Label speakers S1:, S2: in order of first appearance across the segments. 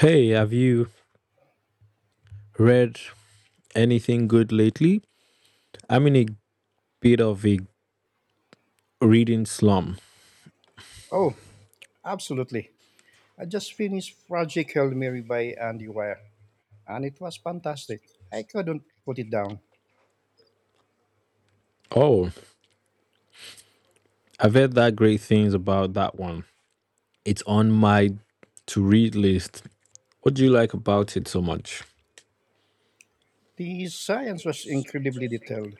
S1: Hey, have you read anything good lately? I'm in a bit of a reading slump.
S2: Oh, absolutely. I just finished Project Hail Mary by Andy Weir, and it was fantastic. I couldn't put it down.
S1: Oh, I've heard that great things about that one. It's on my to read list. What do you like about it so much?
S2: The science was incredibly detailed,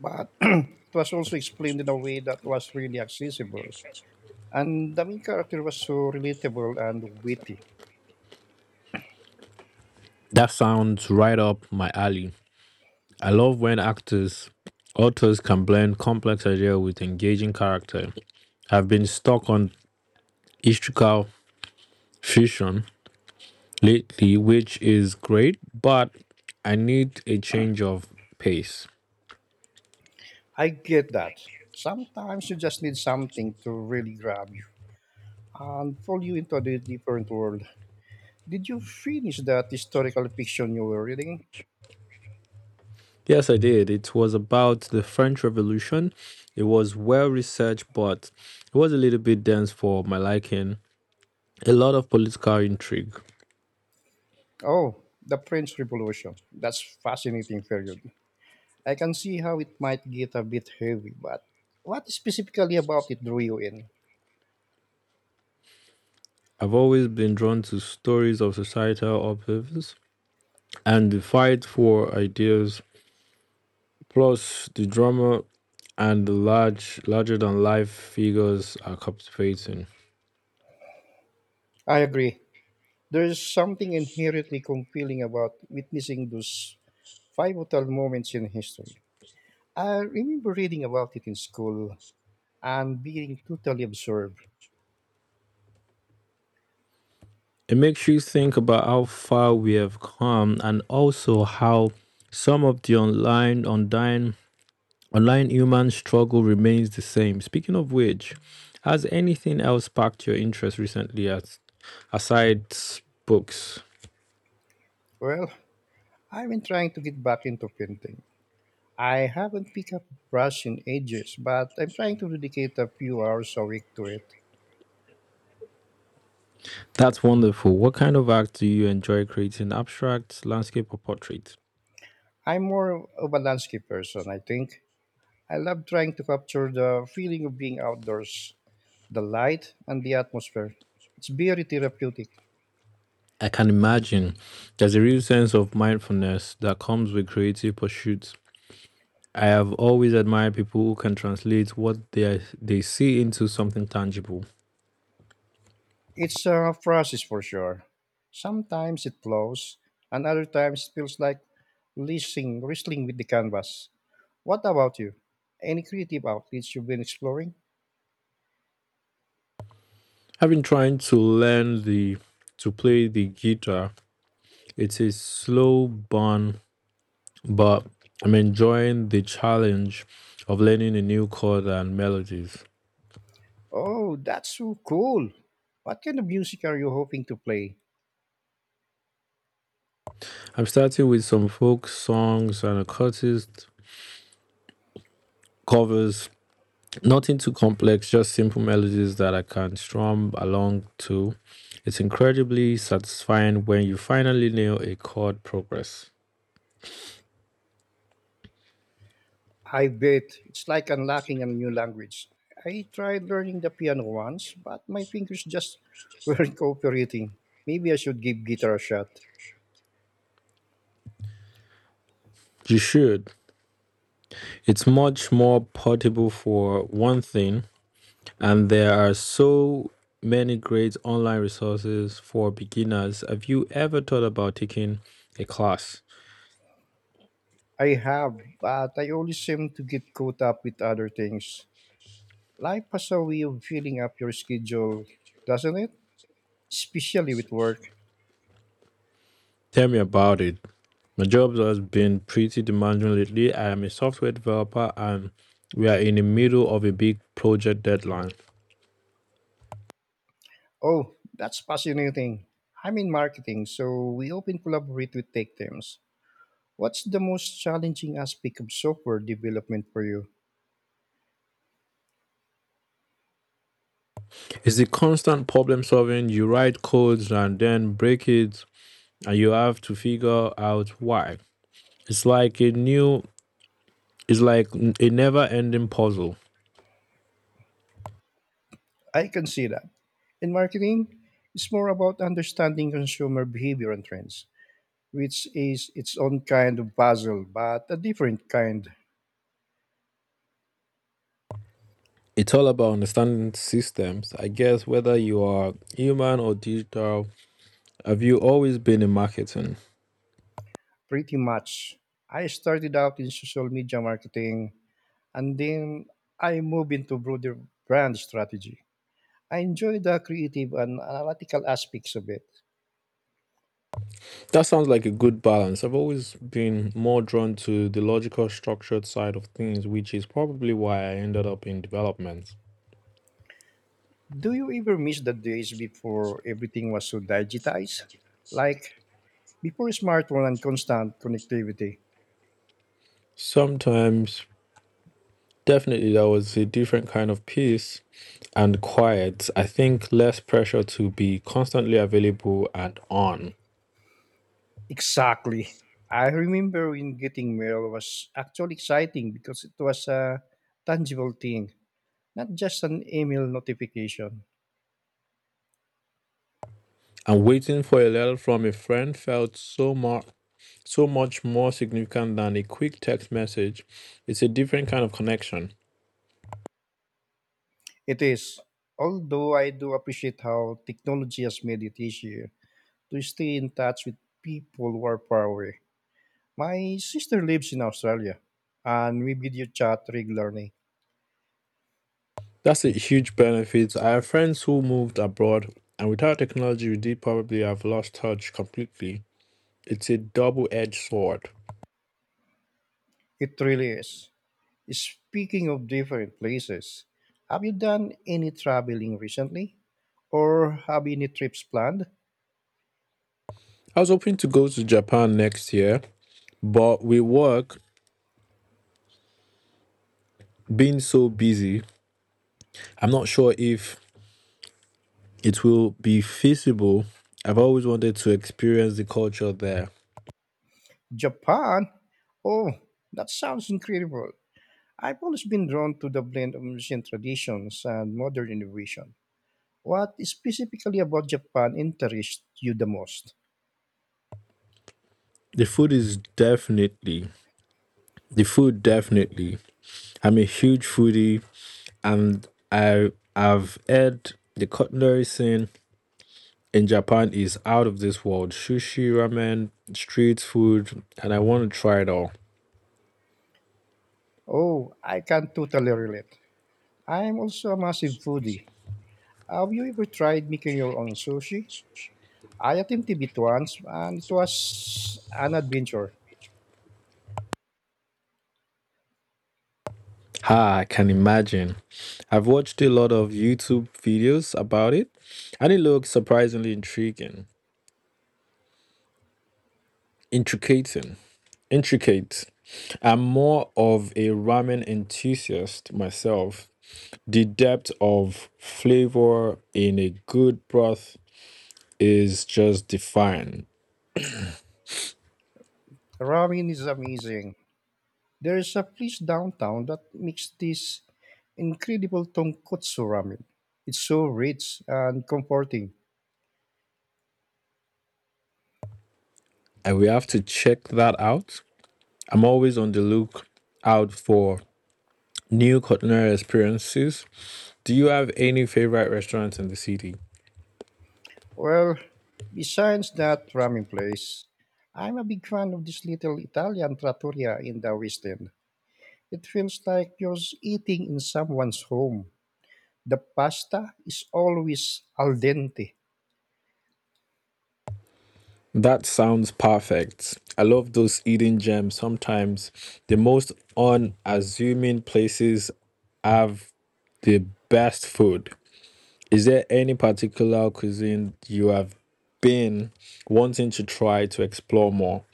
S2: but it was also explained in a way that was really accessible. And the main character was so relatable and witty.
S1: That sounds right up my alley. I love when authors can blend complex idea with engaging character. I've been stuck on historical fiction lately, which is great, but I need a change of pace.
S2: I get that. Sometimes you just need something to really grab you and pull you into a different world. Did you finish that historical fiction you were reading?
S1: Yes, I did. It was about the French Revolution. It was well researched, but it was a little bit dense for my liking. A lot of political intrigue.
S2: Oh, the French Revolution. That's fascinating period. I can see how it might get a bit heavy, but what specifically about it drew you in?
S1: I've always been drawn to stories of societal upheavals and the fight for ideas, plus the drama and the larger than life figures are captivating.
S2: I agree. There's something inherently compelling about witnessing those pivotal moments in history. I remember reading about it in school and being totally absorbed.
S1: It makes you think about how far we have come and also how some of the online human struggle remains the same. Speaking of which, has anything else sparked your interest recently as aside books?
S2: Well, I've been trying to get back into painting. I haven't picked up a brush in ages, but I'm trying to dedicate a few hours a week to it.
S1: That's wonderful. What kind of art do you enjoy creating? Abstract, landscape or portrait?
S2: I'm more of a landscape person, I think. I love trying to capture the feeling of being outdoors, the light and the atmosphere. It's very therapeutic.
S1: I can imagine there's a real sense of mindfulness that comes with creative pursuits. I have always admired people who can translate they see into something tangible.
S2: It's a process for sure. Sometimes it flows, and other times it feels like wrestling with the canvas. What about you? Any creative outlets you've been exploring?
S1: I've been trying to learn the to play the guitar. It's a slow burn, but I'm enjoying the challenge of learning a new chord and melodies.
S2: Oh, that's so cool. What kind of music are you hoping to play?
S1: I'm starting with some folk songs and occultist covers. Nothing too complex, just simple melodies that I can strum along to. It's incredibly satisfying when you finally nail a chord progress.
S2: I bet it's like unlocking a new language. I tried learning the piano once, but my fingers just weren't cooperating. Maybe I should give guitar a shot.
S1: You should. It's much more portable for one thing, and there are so many great online resources for beginners. Have you ever thought about taking a class?
S2: I have, but I always seem to get caught up with other things. Life has a way of filling up your schedule, doesn't it? Especially with work.
S1: Tell me about it. My job has been pretty demanding lately. I am a software developer, and we are in the middle of a big project deadline.
S2: Oh, that's fascinating. I'm in marketing, so we often collaborate with tech teams. What's the most challenging aspect of software development for you?
S1: It's the constant problem solving. You write codes and then break it, and you have to figure out why. It's like a new it's like a never-ending puzzle.
S2: I can see that. In marketing, it's more about understanding consumer behavior and trends, which is its own kind of puzzle, but a different kind,
S1: It's all about understanding systems. I guess whether you are human or digital, have you always been in marketing?
S2: pretty much. I started out in social media marketing and then I moved into broader brand strategy. I enjoy the creative and analytical aspects of it.
S1: That sounds like a good balance. I've always been more drawn to the logical, structured side of things, which is probably why I ended up in development.
S2: Do you ever miss the days before everything was so digitized? Like before smartphone and constant connectivity?
S1: Sometimes, definitely, there was a different kind of peace and quiet. I think less pressure to be constantly available and on.
S2: Exactly. I remember when getting mail was actually exciting because it was a tangible thing, not just an email notification.
S1: And waiting for a letter from a friend felt so much more significant than a quick text message. It's a different kind of connection.
S2: It is. Although I do appreciate how technology has made it easier to stay in touch with people who are far away. My sister lives in Australia and we video chat regularly.
S1: That's a huge benefit. I have friends who moved abroad, and without technology, we did probably have lost touch completely. It's a double edged sword.
S2: It really is. Speaking of different places, have you done any traveling recently? Or have any trips planned?
S1: I was hoping to go to Japan next year, but with work being so busy, I'm not sure if it will be feasible. I've always wanted to experience the culture there.
S2: Japan? Oh, that sounds incredible. I've always been drawn to the blend of ancient traditions and modern innovation. What specifically about Japan interests you the most?
S1: The food is definitely, the food definitely. I'm a huge foodie, and I have had the cutlery scene in Japan is out of this world. Sushi, ramen, street food, and I want to try it all.
S2: Oh, I can totally relate. I'm also a massive foodie. Have you ever tried making your own sushi? I attempted it once and it was an adventure.
S1: Ha, I can imagine. I've watched a lot of YouTube videos about it, and it looks surprisingly intricating, intricate. I'm more of a ramen enthusiast myself. The depth of flavor in a good broth is just divine,
S2: Ramen is amazing. There is a place downtown that makes this incredible tonkotsu ramen. It's so rich and comforting.
S1: and we have to check that out. I'm always on the look out for new culinary experiences. Do you have any favorite restaurants in the city?
S2: Well, besides that ramen place, I'm a big fan of this little Italian trattoria in the West End. It feels like you're eating in someone's home. The pasta is always al dente.
S1: That sounds perfect. I love those eating gems. Sometimes the most unassuming places have the best food. Is there any particular cuisine you have been wanting to try to explore more?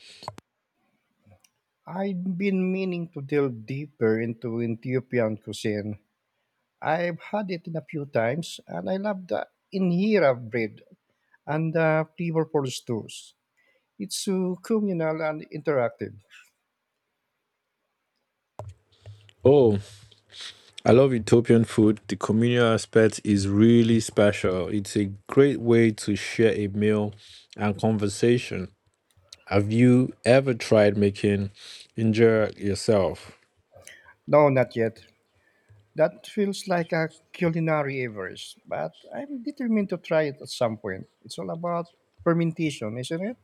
S2: I've been meaning to delve deeper into Ethiopian cuisine. I've had it in a few times, and I love the injera bread and the flavor for stews. It's so communal and interactive.
S1: Oh, I love Ethiopian food. The communal aspect is really special. It's a great way to share a meal and conversation. Have you ever tried making injera yourself?
S2: No, not yet. That feels like a culinary Everest, but I'm determined to try it at some point. It's all about fermentation, isn't it?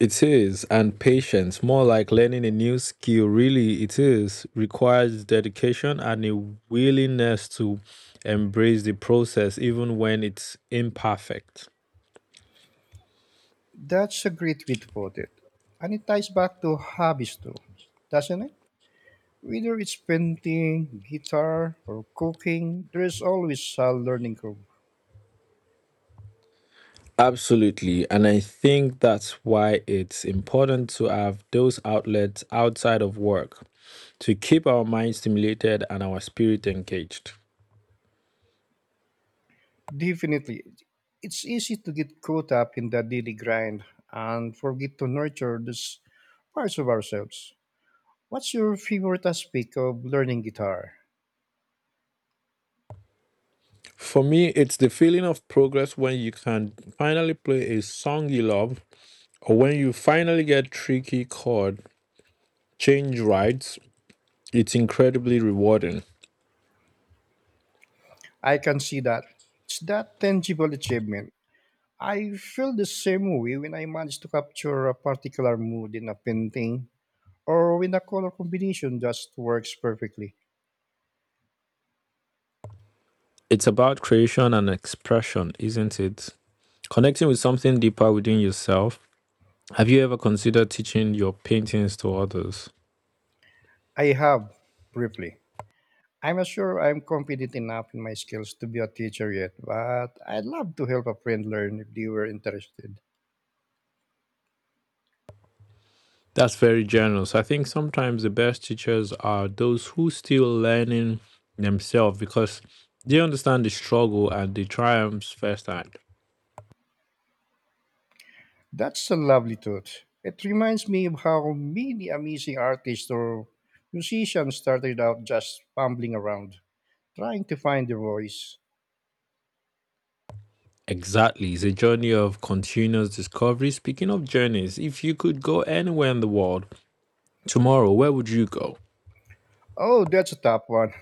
S1: It is, and patience, more like learning a new skill, really, it is, requires dedication and a willingness to embrace the process even when it's imperfect.
S2: That's a great way to put it. And it ties back to hobbies too, doesn't it? Whether it's painting, guitar, or cooking, there's always a learning curve.
S1: Absolutely. And I think that's why it's important to have those outlets outside of work to keep our minds stimulated and our spirit engaged.
S2: Definitely. It's easy to get caught up in the daily grind and forget to nurture those parts of ourselves. What's your favorite aspect of learning guitar?
S1: For me, it's the feeling of progress when you can finally play a song you love or when you finally get tricky chord change rights. It's incredibly rewarding.
S2: I can see that. It's that tangible achievement. I feel the same way when I manage to capture a particular mood in a painting or when a color combination just works perfectly.
S1: It's about creation and expression, isn't it? Connecting with something deeper within yourself. Have you ever considered teaching your paintings to others?
S2: I have, briefly. I'm not sure I'm confident enough in my skills to be a teacher yet, but I'd love to help a friend learn if they were interested.
S1: That's very generous. I think sometimes the best teachers are those who still learning themselves because they understand the struggle and the triumphs firsthand.
S2: That's a lovely thought. It reminds me of how many amazing artists or musicians started out just fumbling around, trying to find their voice.
S1: Exactly. It's a journey of continuous discovery. Speaking of journeys, if you could go anywhere in the world tomorrow, where would you go?
S2: Oh, that's a tough one.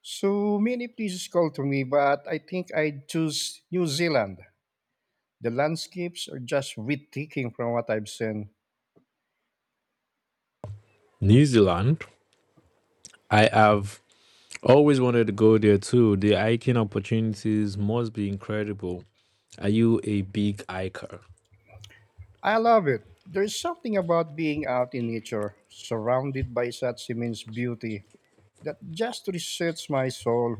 S2: So many places call to me, but I think I'd choose New Zealand. The landscapes are just breathtaking from what I've seen.
S1: New Zealand. I have always wanted to go there too. The hiking opportunities must be incredible. Are you a big hiker?
S2: I love it. There's something about being out in nature, surrounded by such immense beauty, that just resets my soul.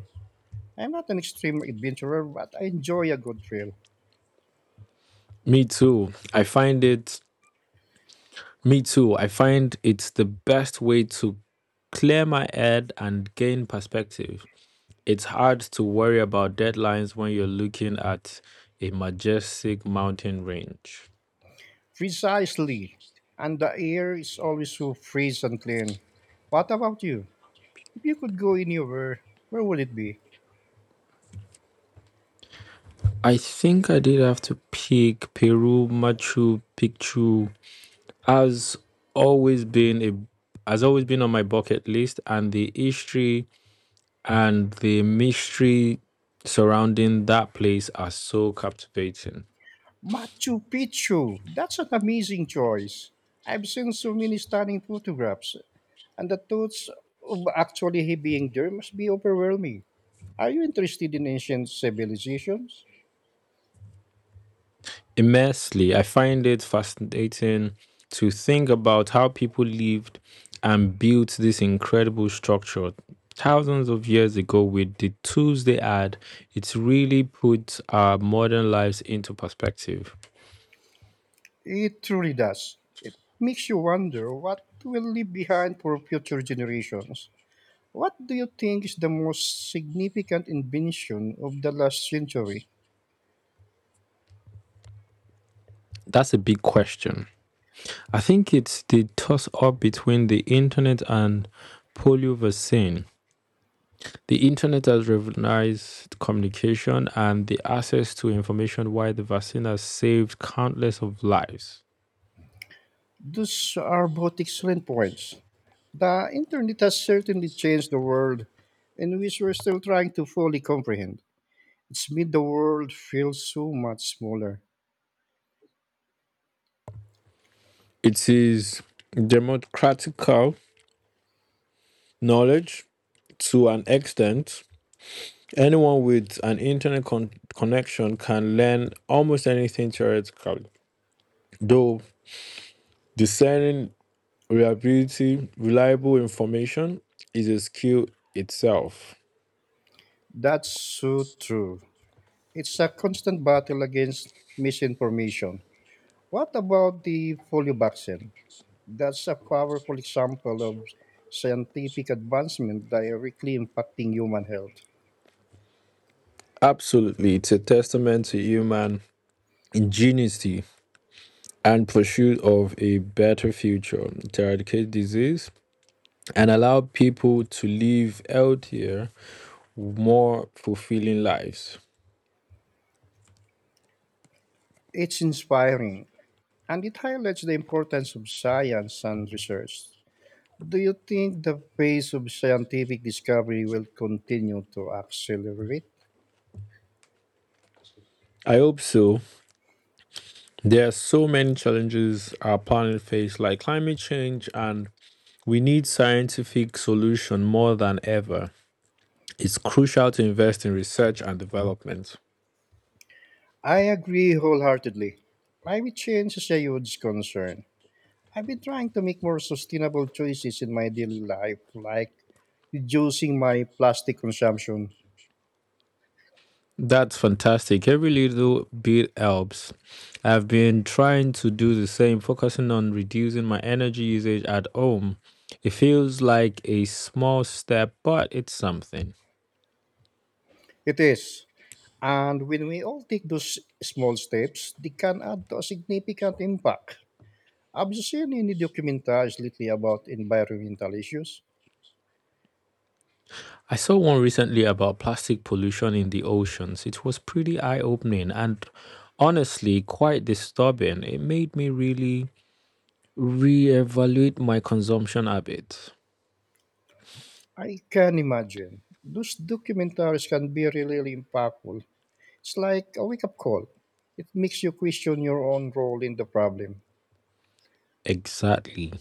S2: I'm not an extreme adventurer, but I enjoy a good trail.
S1: Me too. I find it, Me too. I find it's the best way to clear my head and gain perspective. It's hard to worry about deadlines when you're looking at a majestic mountain range.
S2: Precisely. And the air is always so fresh and clean. What about you? If you could go anywhere, where would it be?
S1: I think I did have to pick Peru. Machu Picchu has has always been on my bucket list, and the history and the mystery surrounding that place are so captivating.
S2: Machu Picchu. That's an amazing choice. I've seen so many stunning photographs, and the thoughts of actually being there must be overwhelming. Are you interested in ancient civilizations?
S1: Immensely. I find it fascinating to think about how people lived and built this incredible structure thousands of years ago with the tools they had. It's really put our modern lives into perspective.
S2: It truly does. It makes you wonder what will leave behind for future generations. What do you think is the most significant invention of the last century?
S1: That's a big question. I think it's the toss up between the internet and polio vaccine. The internet has revolutionized communication and the access to information, while the vaccine has saved countless of lives.
S2: Those are both excellent points. The internet has certainly changed the world, in which we're still trying to fully comprehend. It's made the world feel so much smaller.
S1: It is democratical knowledge to an extent. Anyone with an internet connection can learn almost anything theoretically, though discerning reliable information is a skill itself.
S2: That's so true. It's a constant battle against misinformation. What about the polio vaccine? That's a powerful example of scientific advancement directly impacting human health.
S1: Absolutely, it's a testament to human ingenuity and pursuit of a better future to eradicate disease and allow people to live healthier more fulfilling lives.
S2: It's inspiring and it highlights the importance of science and research. Do you think the pace of scientific discovery will continue to accelerate?
S1: I hope so. There are so many challenges our planet faces, like climate change, and we need scientific solution more than ever. It's crucial to invest in research and development.
S2: I agree wholeheartedly. Climate change is a huge concern. I've been trying to make more sustainable choices in my daily life, like reducing my plastic consumption.
S1: That's fantastic. Every little bit helps. I've been trying to do the same, focusing on reducing my energy usage at home. It feels like a small step, but it's something.
S2: It is. And when we all take those small steps, they can add to a significant impact. Have you seen any documentaries lately about environmental issues?
S1: I saw one recently about plastic pollution in the oceans. It was pretty eye opening and honestly quite disturbing. It made me really re-evaluate my consumption habits.
S2: I can imagine. Those documentaries can be really, really impactful. It's like a wake up call. It makes you question your own role in the problem.
S1: Exactly.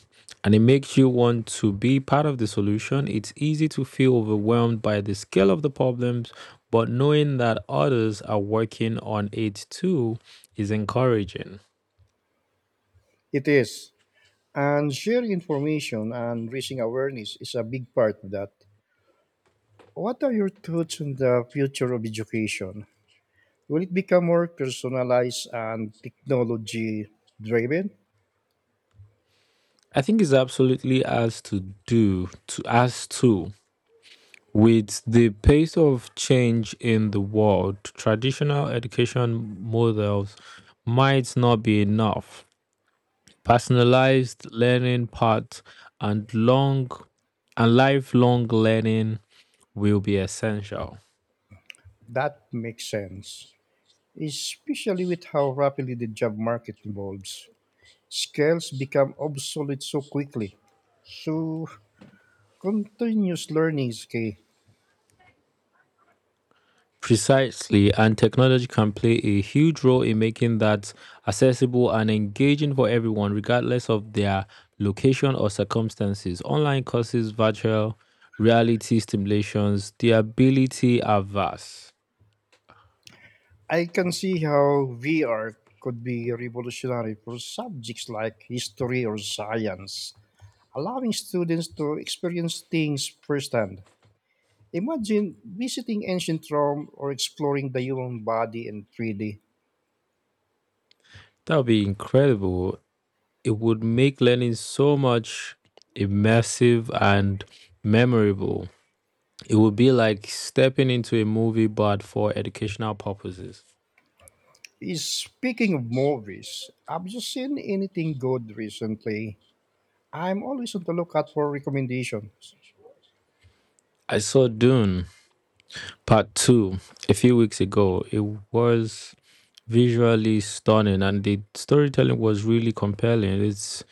S1: And it makes you want to be part of the solution. It's easy to feel overwhelmed by the scale of the problems, but knowing that others are working on it too is encouraging.
S2: It is. And sharing information and raising awareness is a big part of that. What are your thoughts on the future of education? Will it become more personalized and technology driven?
S1: I think it's absolutely as to do to as to With the pace of change in the world, traditional education models might not be enough. Personalized learning paths and long and lifelong learning will be essential.
S2: That makes sense, especially with how rapidly the job market evolves. Skills become obsolete so quickly. So, continuous learning is key.
S1: Precisely, and technology can play a huge role in making that accessible and engaging for everyone, regardless of their location or circumstances. Online courses, virtual reality stimulations, the ability are vast.
S2: I can see how VR could be revolutionary for subjects like history or science, allowing students to experience things firsthand. Imagine visiting ancient Rome or exploring the human body in 3D.
S1: That would be incredible. It would make learning so much immersive and memorable. It would be like stepping into a movie, but for educational purposes.
S2: Speaking of movies, have you seen anything good recently? I'm always on the lookout for recommendations.
S1: I saw Dune Part two, a few weeks ago. It was visually stunning and the storytelling was really compelling. It's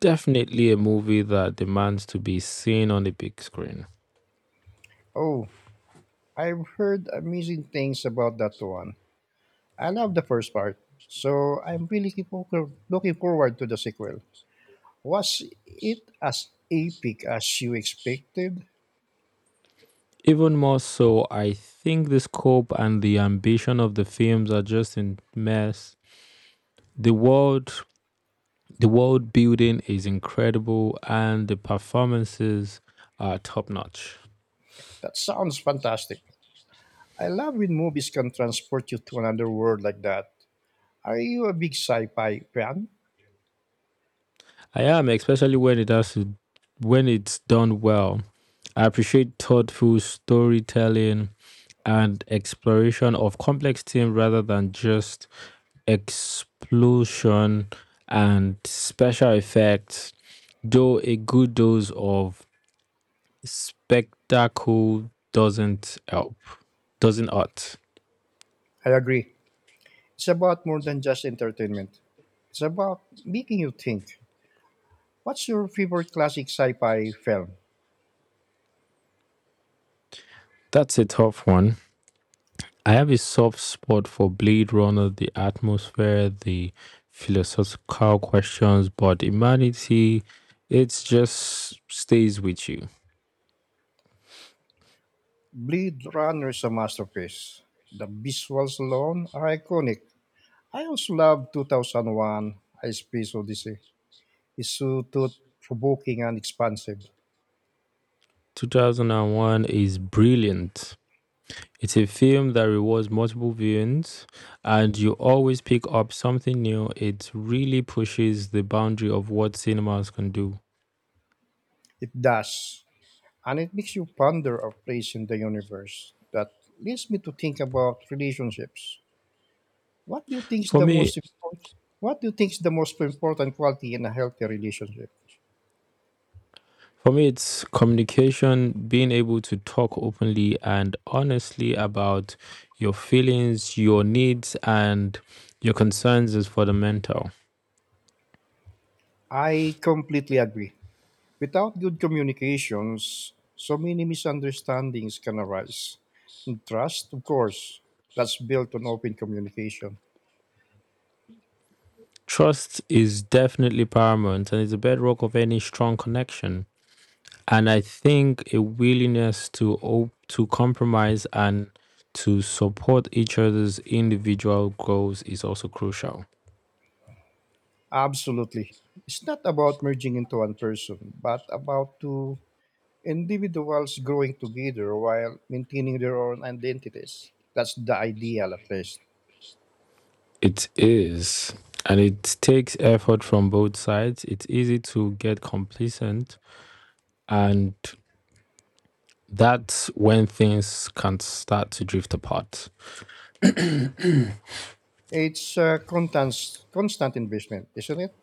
S1: definitely a movie that demands to be seen on the big screen.
S2: Oh, I've heard amazing things about that one. I love the first part, so I'm really looking forward to the sequel. Was it as epic as you expected?
S1: Even more so, I think the scope and the ambition of the films are just in mess. The world the world building is incredible and the performances are top notch.
S2: That sounds fantastic. I love when movies can transport you to another world like that. Are you a big sci fi fan?
S1: I am, especially when it has to, when it's done well. I appreciate thoughtful storytelling and exploration of complex themes rather than just explosion and special effects, though a good dose of spectacle doesn't hurt.
S2: I agree. It's about more than just entertainment, it's about making you think. What's your favorite classic sci fi film?
S1: That's a tough one. I have a soft spot for Blade Runner, the atmosphere, the philosophical questions, but humanity, it just stays with you.
S2: Blade Runner is a masterpiece. The visuals alone are iconic. I also love 2001 A Space Odyssey. It's so thought provoking and expansive.
S1: 2001 is brilliant. It's a film that rewards multiple viewings, and you always pick up something new. It really pushes the boundary of what cinemas can do.
S2: It does. And it makes you ponder our place in the universe. That leads me to think about relationships. What do you think is
S1: For
S2: the
S1: me,
S2: most important? What do you think is the most important quality in a healthy relationship?
S1: For me, it's communication, being able to talk openly and honestly about your feelings, your needs, and your concerns is for the mental.
S2: I completely agree. Without good communications, so many misunderstandings can arise. And trust, of course, that's built on open communication.
S1: Trust is definitely paramount and is a bedrock of any strong connection. And I think a willingness to to compromise and to support each other's individual goals is also crucial.
S2: Absolutely. It's not about merging into one person, but about two individuals growing together while maintaining their own identities. That's the ideal, at least.
S1: It is. And it takes effort from both sides. It's easy to get complacent, and that's when things can start to drift apart.
S2: It's a constant, constant investment, isn't it?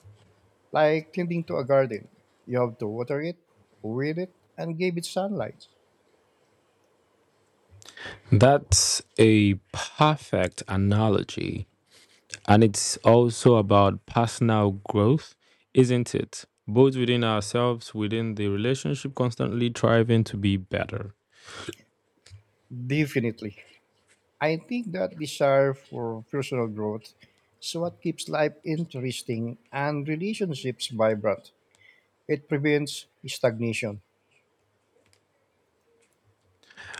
S2: Like tending to a garden. You have to water it, weed it, and give it sunlight.
S1: That's a perfect analogy. And it's also about personal growth, isn't it? Both within ourselves, within the relationship, constantly striving to be better.
S2: Definitely. I think that desire for personal growth is what keeps life interesting and relationships vibrant. It prevents stagnation.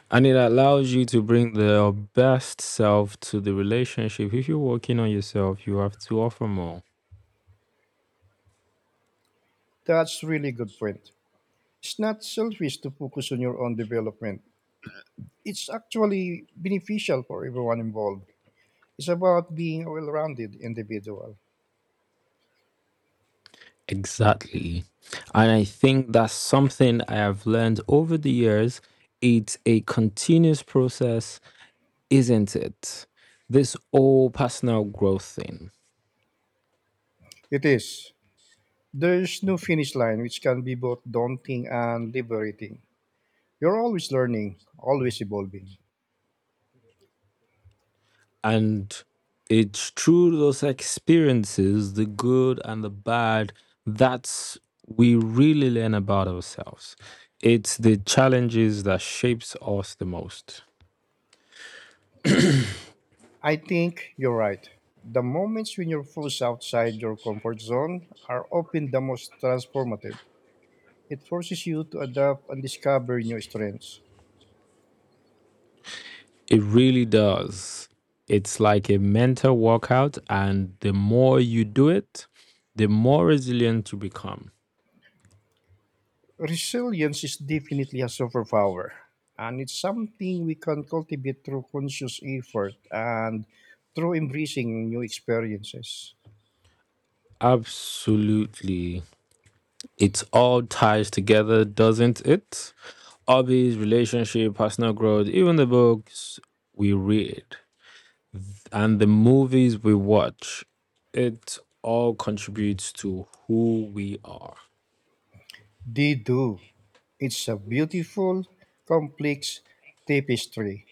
S1: And it allows you to bring the best self to the relationship. If you're working on yourself, you have to offer more.
S2: That's really good point. It's not selfish to focus on your own development. It's actually beneficial for everyone involved. It's about being a well-rounded individual.
S1: Exactly. And I think that's something I have learned over the years. It's a continuous process, isn't it? This whole personal growth thing.
S2: It is. There's no finish line, which can be both daunting and liberating. You're always learning, always evolving.
S1: And it's through those experiences, the good and the bad, that's we really learn about ourselves. It's the challenges that shapes us the most.
S2: I think you're right. The moments when you're forced outside your comfort zone are often the most transformative. It forces you to adapt and discover new strengths.
S1: It really does. It's like a mental workout, and the more you do it, the more resilient you become.
S2: Resilience is definitely a superpower, and it's something we can cultivate through conscious effort and through embracing new experiences.
S1: Absolutely. It all ties together, doesn't it? Hobbies, relationship, personal growth, even the books we read and the movies we watch. It all contributes to who we are.
S2: They do. It's a beautiful, complex tapestry.